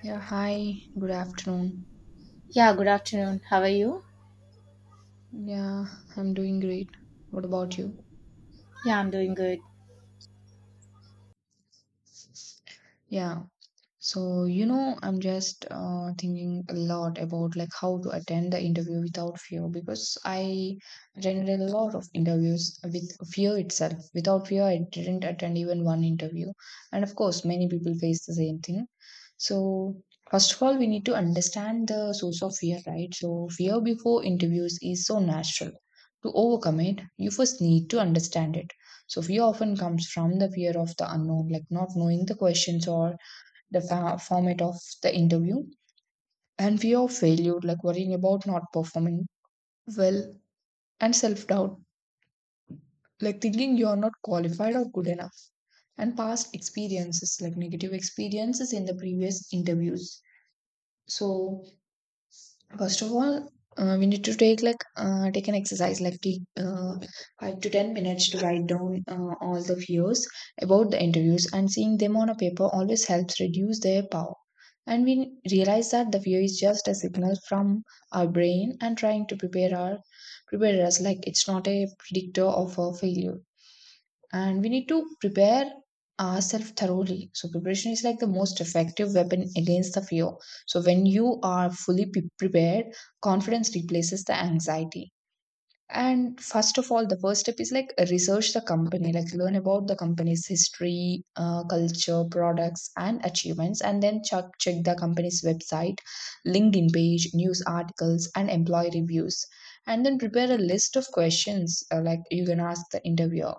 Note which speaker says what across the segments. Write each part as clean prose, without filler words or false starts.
Speaker 1: Yeah, hi, good afternoon.
Speaker 2: Yeah, good afternoon. How are you?
Speaker 1: Yeah, I'm doing great. What about you?
Speaker 2: Yeah, I'm doing good.
Speaker 1: Yeah, I'm just thinking a lot about like how to attend the interview without fear because I attended a lot of interviews with fear itself. Without fear, I didn't attend even one interview. And of course, many people face the same thing. So, first of all, we need to understand the source of fear, right? So, fear before interviews is so natural. To overcome it, you first need to understand it. So, fear often comes from the fear of the unknown, like not knowing the questions or the format of the interview, and fear of failure, like worrying about not performing well, and self doubt, like thinking you are not qualified or good enough, and past experiences, like negative experiences in the previous interviews. So, first of all, we need to take like take an exercise like take 5 to 10 minutes to write down all the fears about the interviews, and seeing them on a paper always helps reduce their power. And we realize that the fear is just a signal from our brain and trying to prepare us, like it's not a predictor of a failure, and we need to prepare ourselves thoroughly. So preparation is like the most effective weapon against the fear. So when you are fully prepared, confidence replaces the anxiety. And first of all, the first step is like research the company, like learn about the company's history, culture, products, and achievements, and then check the company's website, linkedin page, news articles, and employee reviews, and then prepare a list of questions like you can ask the interviewer.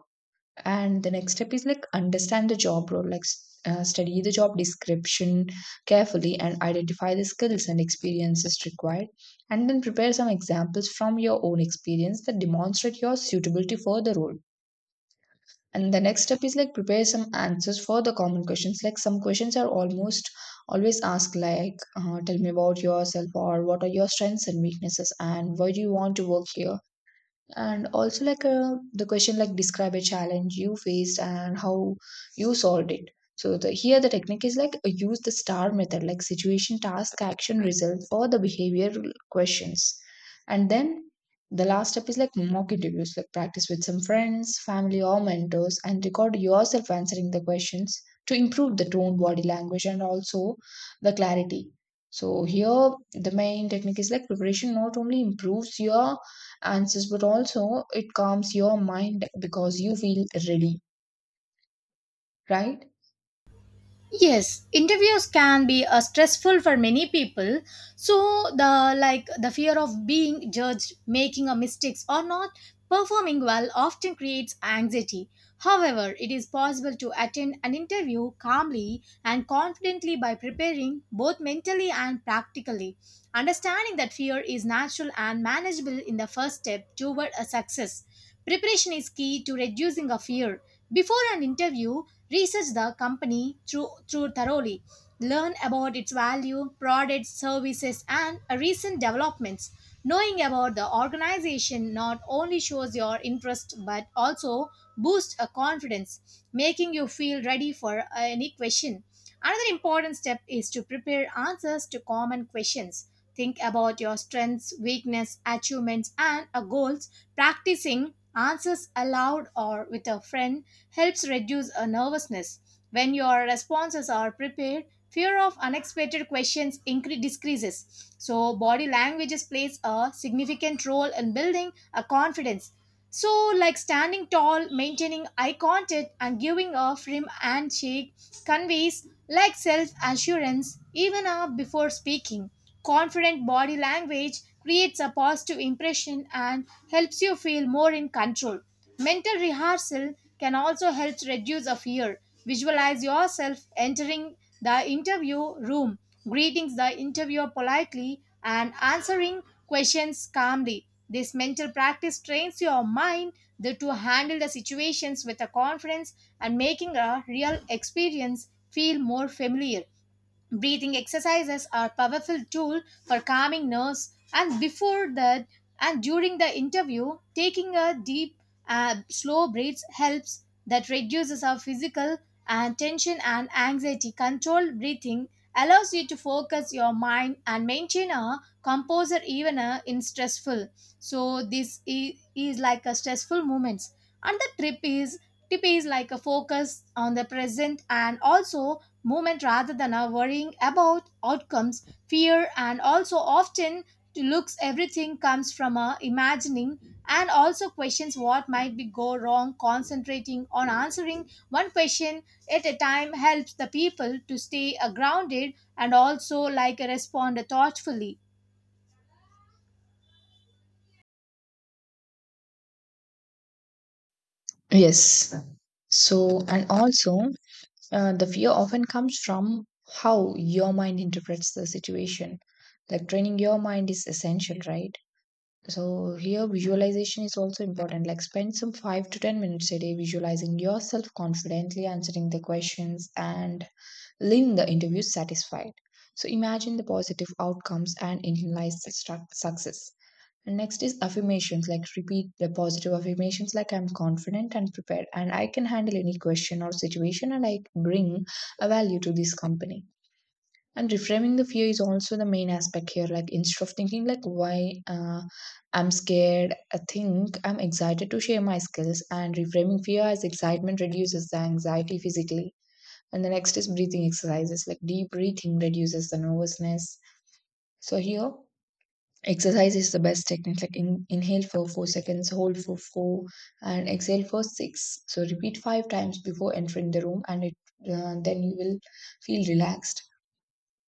Speaker 1: And the next step is like understand the job role, like study the job description carefully and identify the skills and experiences required. And then prepare some examples from your own experience that demonstrate your suitability for the role. And the next step is like prepare some answers for the common questions. Like some questions are almost always asked, like tell me about yourself, or what are your strengths and weaknesses, and why do you want to work here, and also like the question like describe a challenge you faced and how you solved it. So the here the technique is like use the star method, like situation, task, action, result, or the behavioral questions. And then the last step is like mock interviews, like practice with some friends, family, or mentors, and record yourself answering the questions to improve the tone, body language, and also the clarity. So here the main technique is like preparation not only improves your answers, but also it calms your mind because you feel ready, right?
Speaker 2: Yes, interviews can be stressful for many people. So the fear of being judged, making a mistakes or not performing well often creates anxiety. However, it is possible to attend an interview calmly and confidently by preparing both mentally and practically. Understanding that fear is natural and manageable in the first step toward a success. Preparation is key to reducing a fear. Before an interview, research the company through thoroughly. Learn about its value, products, services, and recent developments. Knowing about the organization not only shows your interest but also boosts a confidence, making you feel ready for any question. Another important step is to prepare answers to common questions. Think about your strengths, weakness, achievements, and goals. Practicing answers aloud or with a friend helps reduce a nervousness. When your responses are prepared, fear of unexpected questions decreases. So, body language plays a significant role in building a confidence. So, like standing tall, maintaining eye contact, and giving a firm handshake conveys like self assurance even before speaking. Confident body language creates a positive impression and helps you feel more in control. Mental rehearsal can also help reduce a fear. Visualize yourself entering the interview room, greeting the interviewer politely, and answering questions calmly. This mental practice trains your mind to handle the situations with a confidence and making a real experience feel more familiar. Breathing exercises are powerful tool for calming nerves and before that and during the interview taking a deep slow breaths helps that reduces our physical and tension and anxiety controlled breathing allows you to focus your mind and maintain a composure even in stressful, so this is like a stressful moments. And the trip is tip is like a focus on the present and also movement rather than a worrying about outcomes, fear, and also often to looks everything comes from a imagining and also questions what might be go wrong. Concentrating on answering one question at a time helps the people to stay grounded and also like respond thoughtfully.
Speaker 1: Yes. So, and also, the fear often comes from how your mind interprets the situation. Like training your mind is essential, right? So, here visualization is also important. Like, spend some five to 10 minutes a day visualizing yourself confidently answering the questions and leaving the interview satisfied. So, imagine the positive outcomes and internalize the success. And next is affirmations, like repeat the positive affirmations, like I'm confident and prepared, and I can handle any question or situation, and I bring a value to this company. And reframing the fear is also the main aspect here. Like instead of thinking like why I'm scared, I think I'm excited to share my skills. And reframing fear as excitement reduces the anxiety physically. And the next is breathing exercises, like deep breathing reduces the nervousness. So here exercise is the best technique. Like inhale for 4 seconds, hold for four, and exhale for six. So repeat five times before entering the room, and it then you will feel relaxed.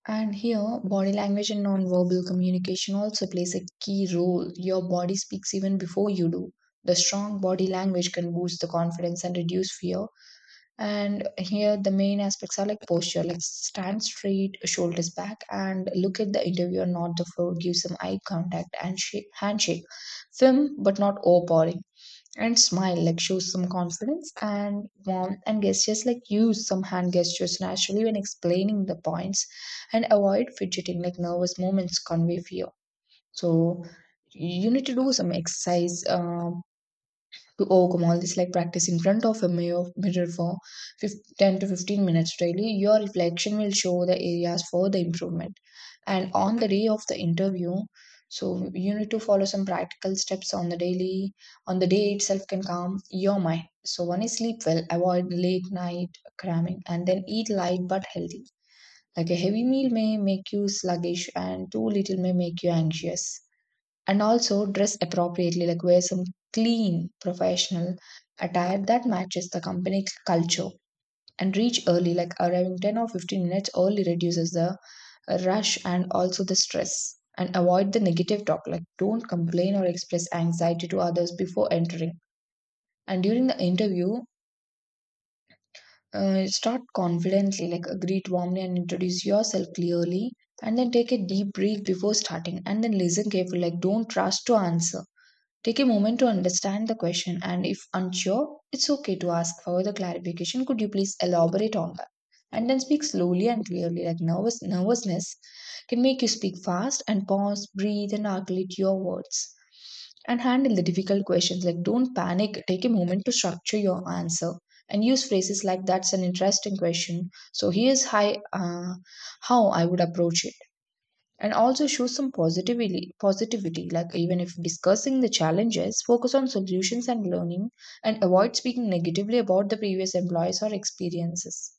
Speaker 1: And here, body language and non-verbal communication also plays a key role. Your body speaks even before you do. The strong body language can boost the confidence and reduce fear, and here the main aspects are like posture, like stand straight, shoulders back, and look at the interviewer, not the floor. Give some eye contact and handshake. Firm but not overpowering. And smile, like show some confidence and warmth, and gestures, like use some hand gestures naturally when explaining the points, and avoid fidgeting, like nervous movements convey fear. So you need to do some exercise. To overcome all this, like practice in front of a mirror for 10 to 15 minutes daily. Your reflection will show the areas for the improvement. And on the day of the interview, so you need to follow some practical steps on the daily on the day itself can calm your mind. So one is sleep well, avoid late night cramming, and then eat light but healthy, like a heavy meal may make you sluggish and too little may make you anxious. And also dress appropriately, like wear some clean, professional attire that matches the company culture, and reach early, like arriving 10 or 15 minutes early reduces the rush and also the stress, and avoid the negative talk, like don't complain or express anxiety to others before entering. And during the interview, start confidently, like greet warmly and introduce yourself clearly, and then take a deep breath before starting. And then listen carefully, like don't rush to answer. Take a moment to understand the question, and if unsure, it's okay to ask for the clarification. Could you please elaborate on that? And then speak slowly and clearly, like nervousness can make you speak fast, and pause, breathe, and articulate your words. And handle the difficult questions. Like don't panic. Take a moment to structure your answer, and use phrases like "That's an interesting question. So here's uh, how I would approach it." And also show some positivity, like even if discussing the challenges, focus on solutions and learning, and avoid speaking negatively about the previous employees or experiences.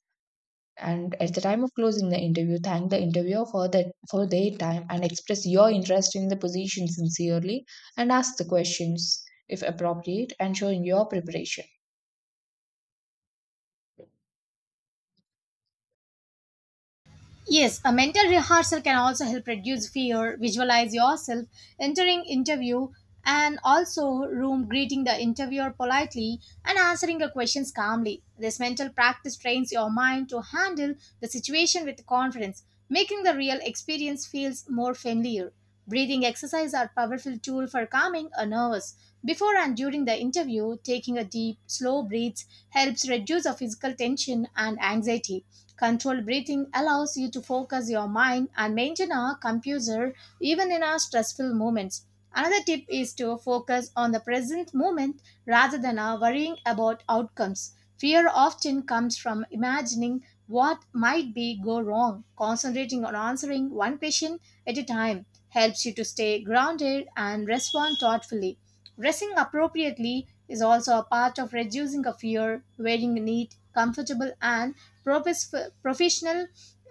Speaker 1: And at the time of closing the interview, thank the interviewer for their time and express your interest in the position sincerely, and ask the questions if appropriate, and showing your preparation.
Speaker 2: Yes, a mental rehearsal can also help reduce fear. Visualize yourself entering interview and also room, greeting the interviewer politely and answering the questions calmly. This mental practice trains your mind to handle the situation with confidence, making the real experience feels more familiar. Breathing exercises are powerful tool for calming a nervous. Before and during the interview, taking a deep, slow breaths helps reduce a physical tension and anxiety. Controlled breathing allows you to focus your mind and maintain a composure even in our stressful moments. Another tip is to focus on the present moment rather than worrying about outcomes. Fear often comes from imagining what might be go wrong. Concentrating on answering one question at a time helps you to stay grounded and respond thoughtfully. Dressing appropriately is also a part of reducing a fear. Wearing neat, comfortable, and professional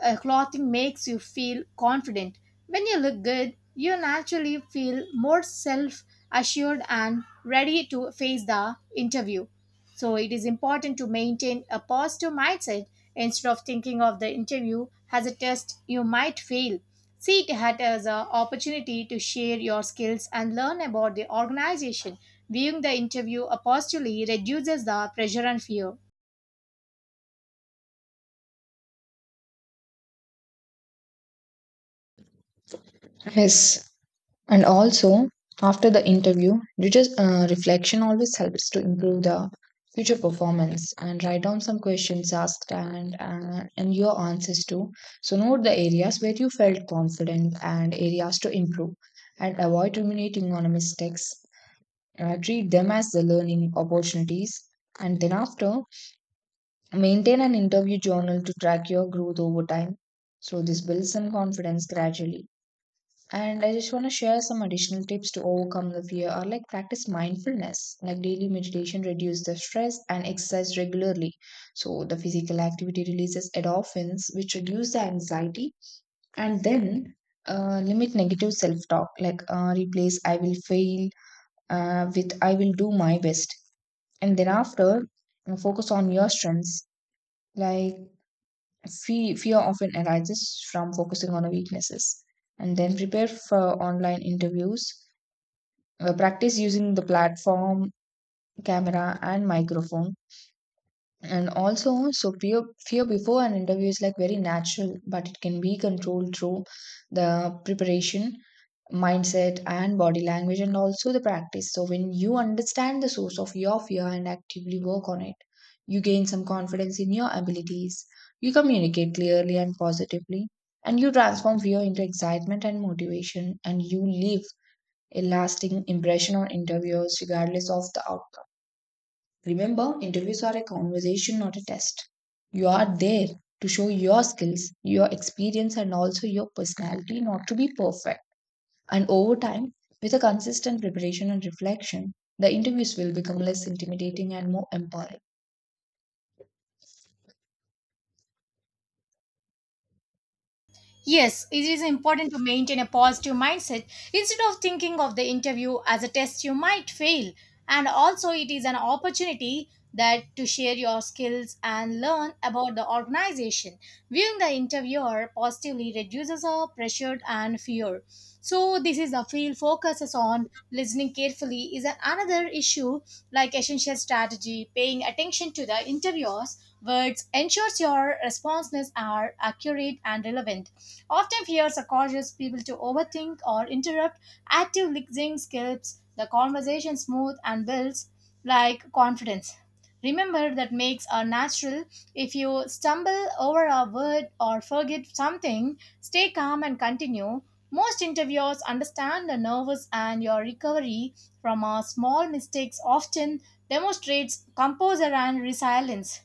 Speaker 2: clothing makes you feel confident. When you look good, you naturally feel more self assured and ready to face the interview. So it is important to maintain a positive mindset instead of thinking of the interview as a test you might fail. See it had as an opportunity to share your skills and learn about the organization. Viewing the interview positively reduces the pressure and fear.
Speaker 1: Yes. And also, after the interview, you just reflection always helps to improve the future performance, and write down some questions asked and and your answers too. So, note the areas where you felt confident and areas to improve, and avoid ruminating on mistakes. Treat them as the learning opportunities. And then, after, maintain an interview journal to track your growth over time. So, this builds some confidence gradually. And I just want to share some additional tips to overcome the fear, or like practice mindfulness, like daily meditation reduce the stress, and exercise regularly. So the physical activity releases endorphins, which reduce the anxiety. And then limit negative self-talk, like replace "I will fail" with "I will do my best." And then after, focus on your strengths. Like fear often arises from focusing on our weaknesses. And then prepare for online interviews, practice using the platform, camera, and microphone. And also, so fear before an interview is like very natural, but it can be controlled through the preparation, mindset, and body language, and also the practice. So, when you understand the source of your fear and actively work on it, you gain some confidence in your abilities, you communicate clearly and positively, and you transform fear into excitement and motivation, and you live a lasting impression on interviewers, regardless of the outcome. Remember, interviews are a conversation, not a test. You are there to show your skills, your experience, and also your personality, not to be perfect. And over time, with a consistent preparation and reflection, the interviews will become less intimidating and more empowering.
Speaker 2: Yes, it is important to maintain a positive mindset instead of thinking of the interview as a test you might fail. And also, it is an opportunity that to share your skills and learn about the organization. Viewing the interviewer positively reduces our pressure and fear. So, this is the field focuses on listening carefully is another issue, like essential strategy. Paying attention to the interviewer's words ensures your responses are accurate and relevant. Often fears are causes people to overthink or interrupt. Active listening keeps the conversation smooth and builds like confidence. Remember that makes are natural. If you stumble over a word or forget something, stay calm and continue. Most interviewers understand the nervous and your recovery from a small mistakes often demonstrates composure and resilience.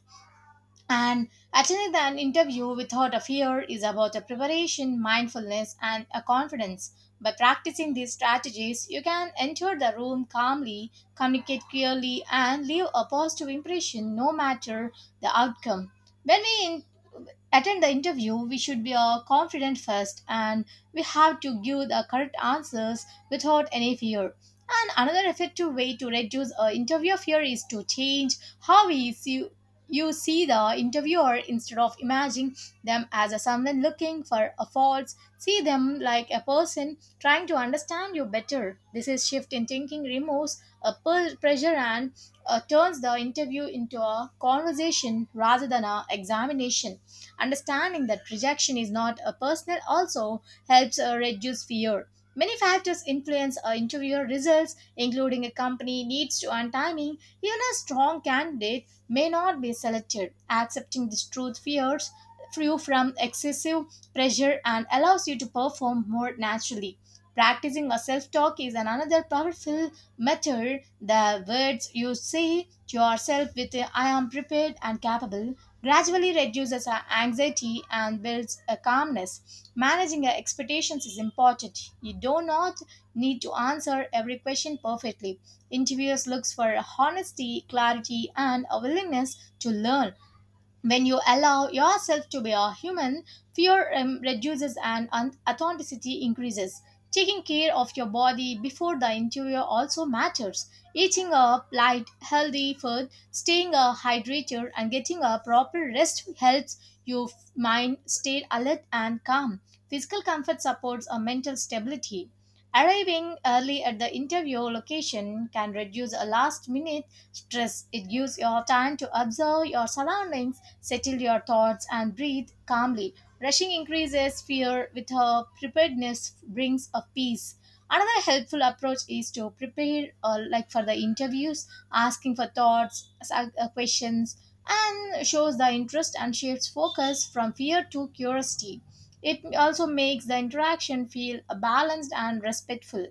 Speaker 2: And attending an interview without a fear is about a preparation, mindfulness, and a confidence. By practicing these strategies, you can enter the room calmly, communicate clearly, and leave a positive impression no matter the outcome. When we attend the interview, we should be confident first, and we have to give the correct answers without any fear. And another effective way to reduce interview fear is to change how you see the interviewer. Instead of imagining them as a someone looking for a faults, see them like a person trying to understand you better. This is shift in thinking removes a pressure and turns the interview into a conversation rather than a examination. Understanding that rejection is not a personal also helps reduce fear. Many factors influence interview results, including a company needs to and timing. Even a strong candidate may not be selected. Accepting this truth fears you from excessive pressure and allows you to perform more naturally. Practicing a self-talk is an another powerful method. The words you say to yourself with a, "I am prepared and capable" gradually reduces our anxiety and builds a calmness. Managing our expectations is important. You do not need to answer every question perfectly. Interviewers looks for honesty, clarity, and a willingness to learn. When you allow yourself to be a human, fear reduces and authenticity increases. Taking care of your body before the interior also matters. Eating a light, healthy food, staying a hydrated, and getting a proper rest helps your mind stay alert and calm. Physical comfort supports a mental stability. Arriving early at the interview location can reduce a last minute stress. It gives your time to observe your surroundings, settle your thoughts, and breathe calmly. Rushing increases fear with her preparedness brings a peace. Another helpful approach is to prepare like for the interviews, asking for thoughts, questions, and shows the interest and shifts focus from fear to curiosity. It also makes the interaction feel balanced and respectful.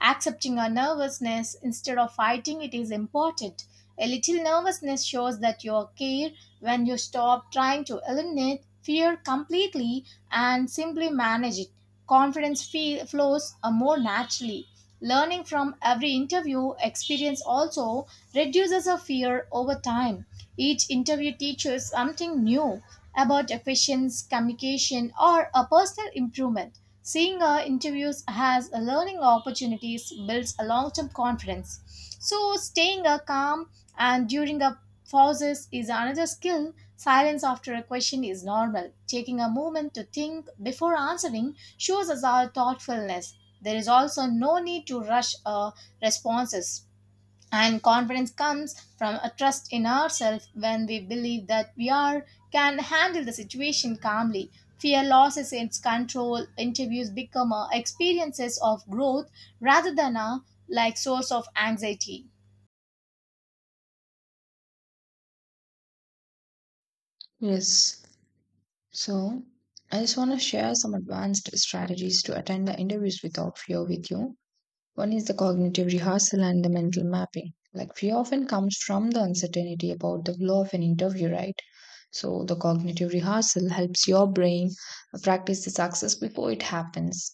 Speaker 2: Accepting our nervousness instead of fighting it is important. A little nervousness shows that you care when you stop trying to eliminate fear completely and simply manage it. Confidence flows more naturally. Learning from every interview experience also reduces our fear over time. Each interview teaches something new about efficiency, communication, or a personal improvement. Seeing interviews has a learning opportunities builds a long-term confidence. So staying calm and during a pauses is another skill. Silence after a question is normal. Taking a moment to think before answering shows us our thoughtfulness. There is also no need to rush responses. And confidence comes from a trust in ourselves when we believe that we are can handle the situation calmly. Fear loses its control. Interviews become experiences of growth rather than a like source of anxiety.
Speaker 1: Yes. So, I just want to share some advanced strategies to attend the interviews without fear with you. One is the cognitive rehearsal and the mental mapping. Like fear often comes from the uncertainty about the flow of an interview, right? So the cognitive rehearsal helps your brain practice the success before it happens.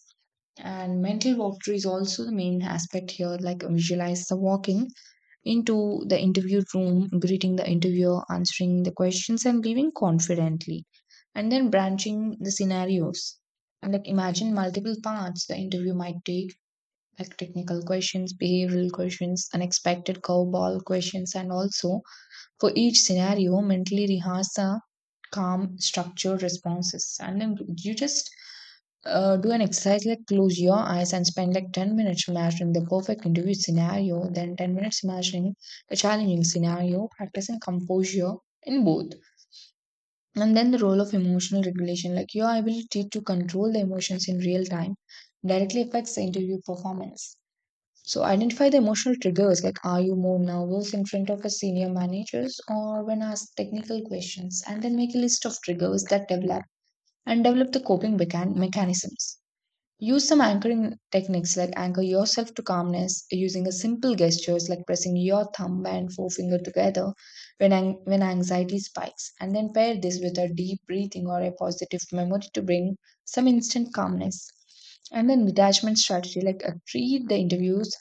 Speaker 1: And mental walkthrough is also the main aspect here, like visualize the walking into the interview room, greeting the interviewer, answering the questions, and leaving confidently. And then branching the scenarios. And like imagine multiple paths the interview might take, like technical questions, behavioral questions, unexpected curveball questions, and also for each scenario, mentally rehearse the calm, structured responses. And then you just do an exercise like close your eyes and spend like 10 minutes imagining the perfect interview scenario, then 10 minutes imagining a challenging scenario, practicing composure in both. And then the role of emotional regulation, like your ability to control the emotions in real time, directly affects the interview performance. So identify the emotional triggers, like are you more nervous in front of a senior managers or when asked technical questions, and then make a list of triggers that develop and develop the coping mechanisms. Use some anchoring techniques, like anchor yourself to calmness using a simple gestures like pressing your thumb and forefinger together when anxiety spikes. And then pair this with a deep breathing or a positive memory to bring some instant calmness. And then detachment strategy, like treat the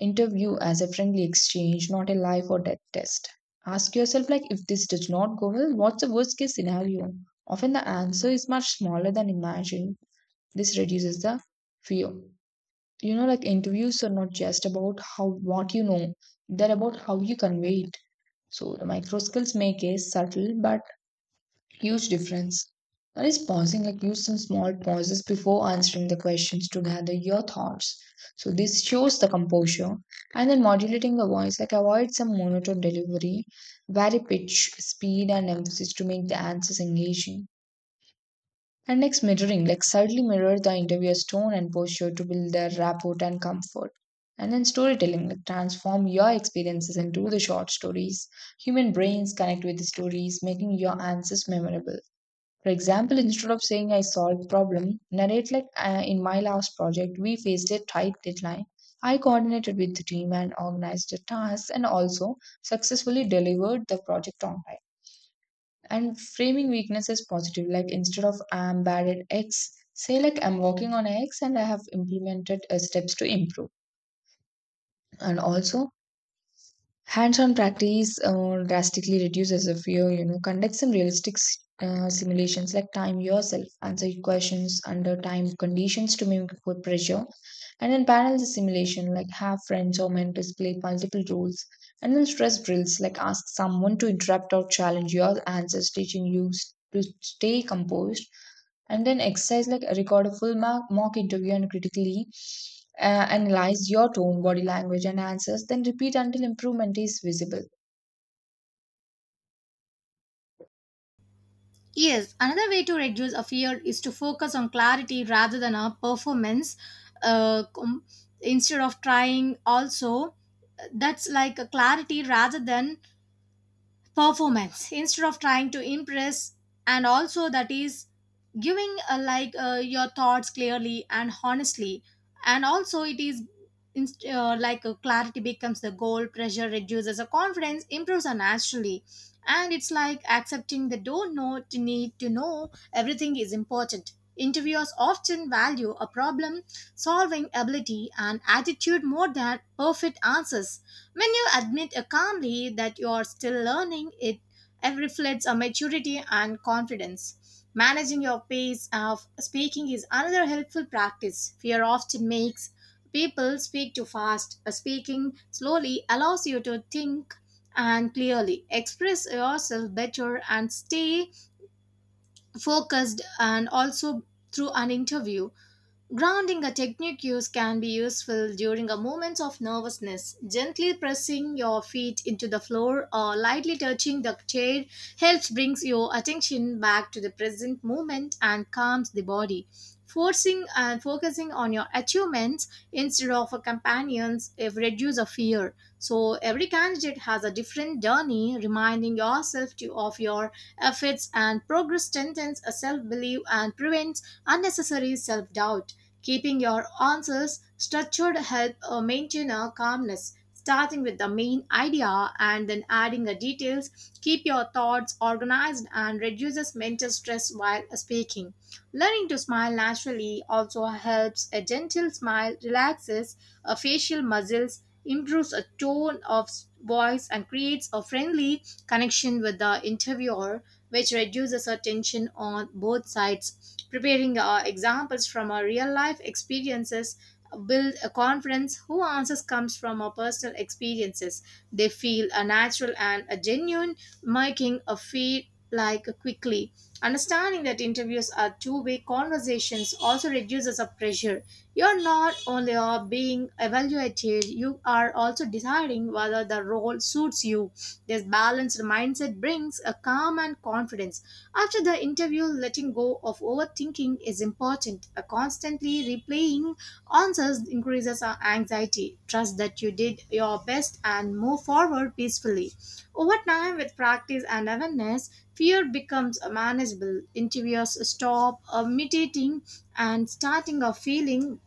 Speaker 1: interview as a friendly exchange, not a life or death test. Ask yourself, like if this does not go well, what's the worst case scenario? Often the answer is much smaller than imagined. This reduces the fear. You know, like interviews are not just about how what you know, they're about how you convey it. So the micro skills make a subtle but huge difference. That is pausing, like use some small pauses before answering the questions to gather your thoughts. So this shows the composure. And then modulating the voice, like avoid some monotone delivery, vary pitch, speed, and emphasis to make the answers engaging. And next, mirroring, like subtly mirror the interviewer's tone and posture to build their rapport and comfort. And then storytelling, like transform your experiences into the short stories. Human brains connect with the stories, making your answers memorable. For example, instead of saying I solved problem, narrate like in my last project, we faced a tight deadline. I coordinated with the team and organized the tasks and also successfully delivered the project on time. And framing weakness as positive, like instead of I'm bad at X, say like I'm working on X and I have implemented steps to improve. And also, hands-on practice drastically reduces the fear, you know. Conduct some realistic simulations, like time yourself, answer your questions under time conditions to mimic good pressure, and then parallel the simulation, like have friends or mentors play multiple roles, and then stress drills, like ask someone to interrupt or challenge your answers, teaching to stay composed, and then exercise like record a full mock interview and critically analyze your tone body language and answers, then repeat until improvement is visible.
Speaker 2: Yes, another way to reduce a fear is to focus on clarity rather than a performance. Uh, com- Instead of trying, also that's like a clarity rather than performance. Instead of trying to impress and also that is giving like your thoughts clearly and honestly, and also it is like clarity becomes the goal, pressure reduces, a confidence improves naturally. And it's like accepting the don't know to need to know everything is important. Interviewers often value a problem solving ability and attitude more than perfect answers. When you admit calmly that you are still learning, it reflects a maturity and confidence. Managing your pace of speaking is another helpful practice. Fear often makes people speak too fast. Speaking slowly allows you to think and clearly express yourself better and stay focused and also through an interview. Grounding a technique use can be useful during a moment of nervousness. Gently pressing your feet into the floor or lightly touching the chair helps brings your attention back to the present moment and calms the body. Forcing and focusing on your achievements instead of a companions if reduce a fear. So every candidate has a different journey. Reminding of your affects and progress strengthens a self-belief and prevents unnecessary self-doubt. Keeping your answers structured help maintain a calmness. Starting with the main idea and then adding the details keep your thoughts organized and reduces mental stress while speaking. Learning to smile naturally also helps. A gentle smile relaxes facial muscles, improves a tone of voice, and creates a friendly connection with the interviewer, which reduces a tension on both sides. Preparing examples from our real life experiences build a confidence. Who answers comes from our personal experiences, they feel a natural and a genuine, making a feel like quickly. Understanding that interviews are two-way conversations also reduces the pressure. You're not only are being evaluated, you are also deciding whether the role suits you. This balanced mindset brings a calm and confidence. After the interview, letting go of overthinking is important. A constantly replaying answers increases our anxiety. Trust that you did your best and move forward peacefully. Over time, with practice and awareness, fear becomes manageable. Interviewers stop mutating and starting a feeling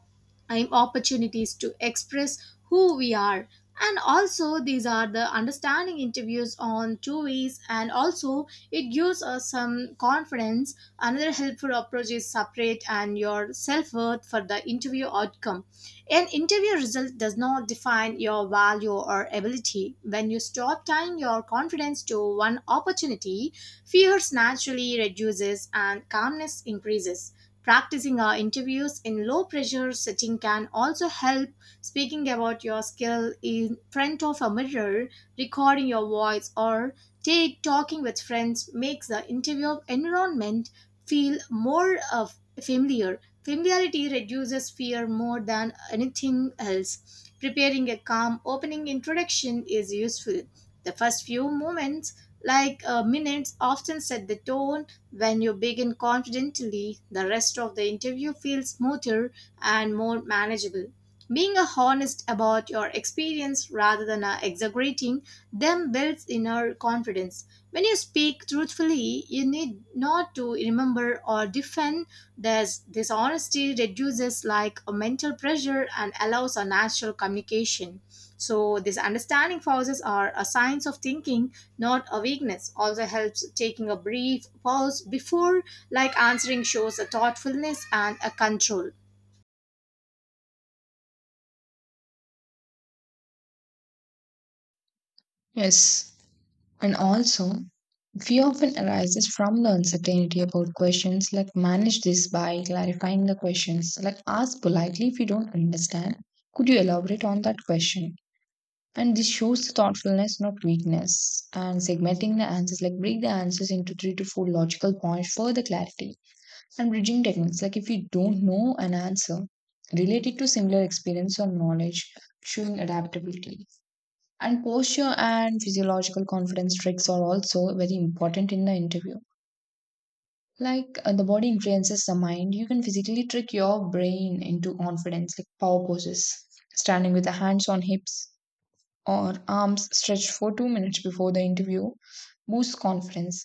Speaker 2: opportunities to express who we are, and also these are the understanding interviews on two ways, and also it gives us some confidence. Another helpful approach is separate and your self-worth for the interview outcome. An interview result does not define your value or ability. When you stop tying your confidence to one opportunity, fears naturally reduces and calmness increases. Practicing our interviews in low pressure setting can also help speaking about your skill in front of a mirror, recording your voice or take talking with friends makes the interview environment feel more of familiar. Familiarity reduces fear more than anything else. Preparing a calm opening introduction is useful. The first few moments, like minutes, often set the tone. When you begin confidently, the rest of the interview feels smoother and more manageable. Being honest about your experience rather than exaggerating them builds inner confidence. When you speak truthfully, you need not to remember or defend. This, dishonesty reduces like a mental pressure and allows a natural communication. So this understanding pauses are a signs of thinking, not a weakness. Also helps taking a brief pause before like answering shows a thoughtfulness and a control.
Speaker 1: Yes, and also fear often arises from the uncertainty about questions. Like manage this by clarifying the questions. Like ask politely if you don't understand. Could you elaborate on that question? And this shows the thoughtfulness, not weakness. And segmenting the answers, like break the answers into three to four logical points for the clarity. And bridging techniques, like if you don't know an answer, relate it to similar experience or knowledge, showing adaptability. And posture and physiological confidence tricks are also very important in the interview. Like the body influences the mind, you can physically trick your brain into confidence, like power poses, standing with the hands on hips or arms stretched for 2 minutes before the interview, boosts confidence.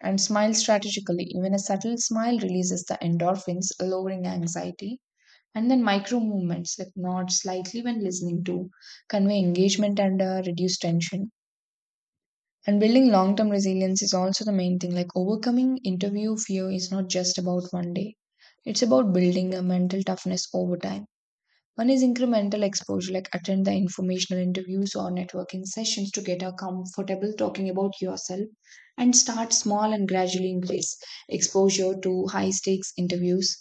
Speaker 1: And smile strategically. Even a subtle smile releases the endorphins, lowering anxiety. And then micro movements like nod slightly when listening to convey engagement and reduce tension. And building long term resilience is also the main thing. Like overcoming interview fear is not just about one day, it's about building a mental toughness over time. One is incremental exposure, like attend the informational interviews or networking sessions to get a comfortable talking about yourself and start small and gradually increase exposure to high stakes interviews.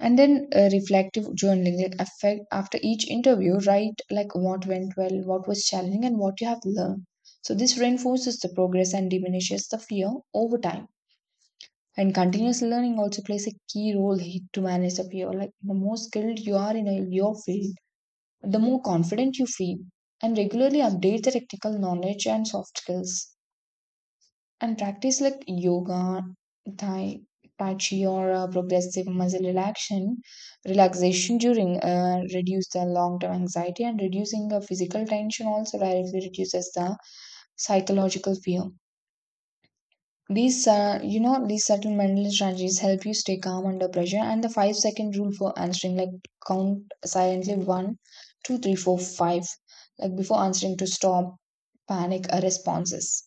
Speaker 1: And then reflective journaling, like affect, after each interview, write like what went well, what was challenging, and what you have learned. So this reinforces the progress and diminishes the fear over time. And continuous learning also plays a key role here to manage the fear. Like the more skilled you are in a, your field, the more confident you feel, and regularly update the technical knowledge and soft skills, and practice like yoga, thai tai chi, or progressive muscle relaxation during reduce the long term anxiety, and reducing the physical tension also directly reduces the psychological fear. These, you know, these settlemental strategies help you stay calm under pressure, and the 5 second rule for answering, like count silently one, two, three, four, five, like before answering to stop panic responses.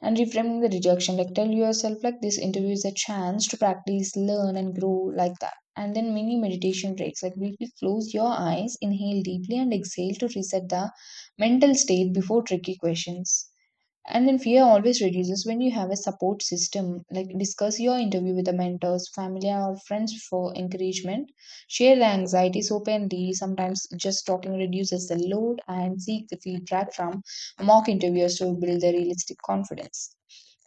Speaker 1: And reframing the rejection, like tell yourself, like this interview is a chance to practice, learn, and grow like that. And then mini meditation breaks, like briefly close your eyes, inhale deeply, and exhale to reset the mental state before tricky questions. And then fear always reduces when you have a support system. Like discuss your interview with the mentors, family, or friends for encouragement. Share the anxieties openly. Sometimes just talking reduces the load, and seek the feedback from mock interviewers to build the realistic confidence.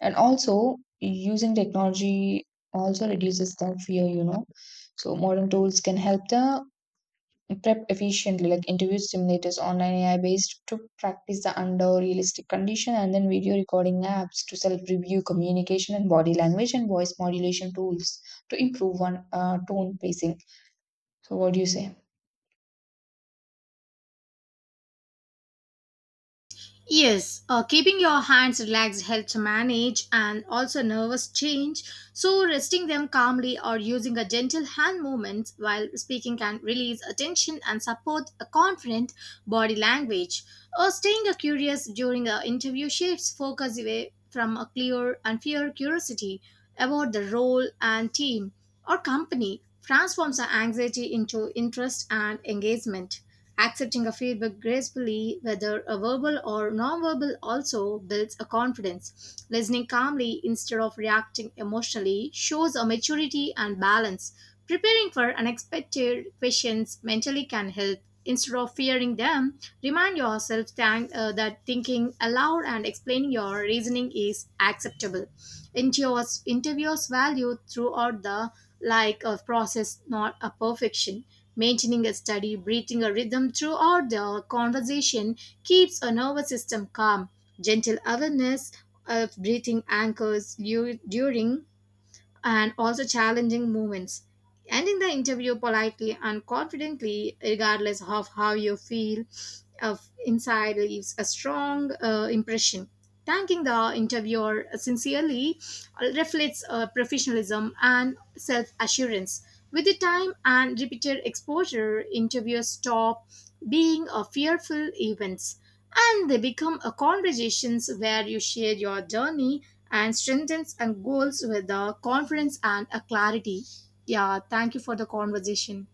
Speaker 1: And also, using technology also reduces the fear, you know. So, modern tools can help the prep efficiently, like interviews, simulators, online AI based to practice the under realistic condition, and then video recording apps to self review, communication, and body language, and voice modulation tools to improve one tone pacing. So, what do you say?
Speaker 2: Yes, keeping your hands relaxed helps manage and also nervous change. So, resting them calmly or using a gentle hand movement while speaking can release attention and support a confident body language. Or staying curious during an interview shifts focus away from a clear and fear. Curiosity about the role and team or company transforms the anxiety into interest and engagement. Accepting a feedback gracefully, whether a verbal or nonverbal, also builds a confidence. Listening calmly instead of reacting emotionally shows a maturity and balance. Preparing for unexpected questions mentally can help. Instead of fearing them, remind yourself that thinking aloud and explaining your reasoning is acceptable. Interviewers value throughout the like a process, not a perfection. Maintaining a steady breathing a rhythm throughout the conversation keeps a nervous system calm. Gentle awareness of breathing anchors you during and also challenging moments. Ending the interview politely and confidently, regardless of how you feel, of inside leaves a strong impression. Thanking the interviewer sincerely reflects professionalism and self assurance. With the time and repeated exposure, interviews stop being a fearful events and they become a conversations where you share your journey and strengths and goals with a confidence and a clarity. Yeah, thank you for the conversation.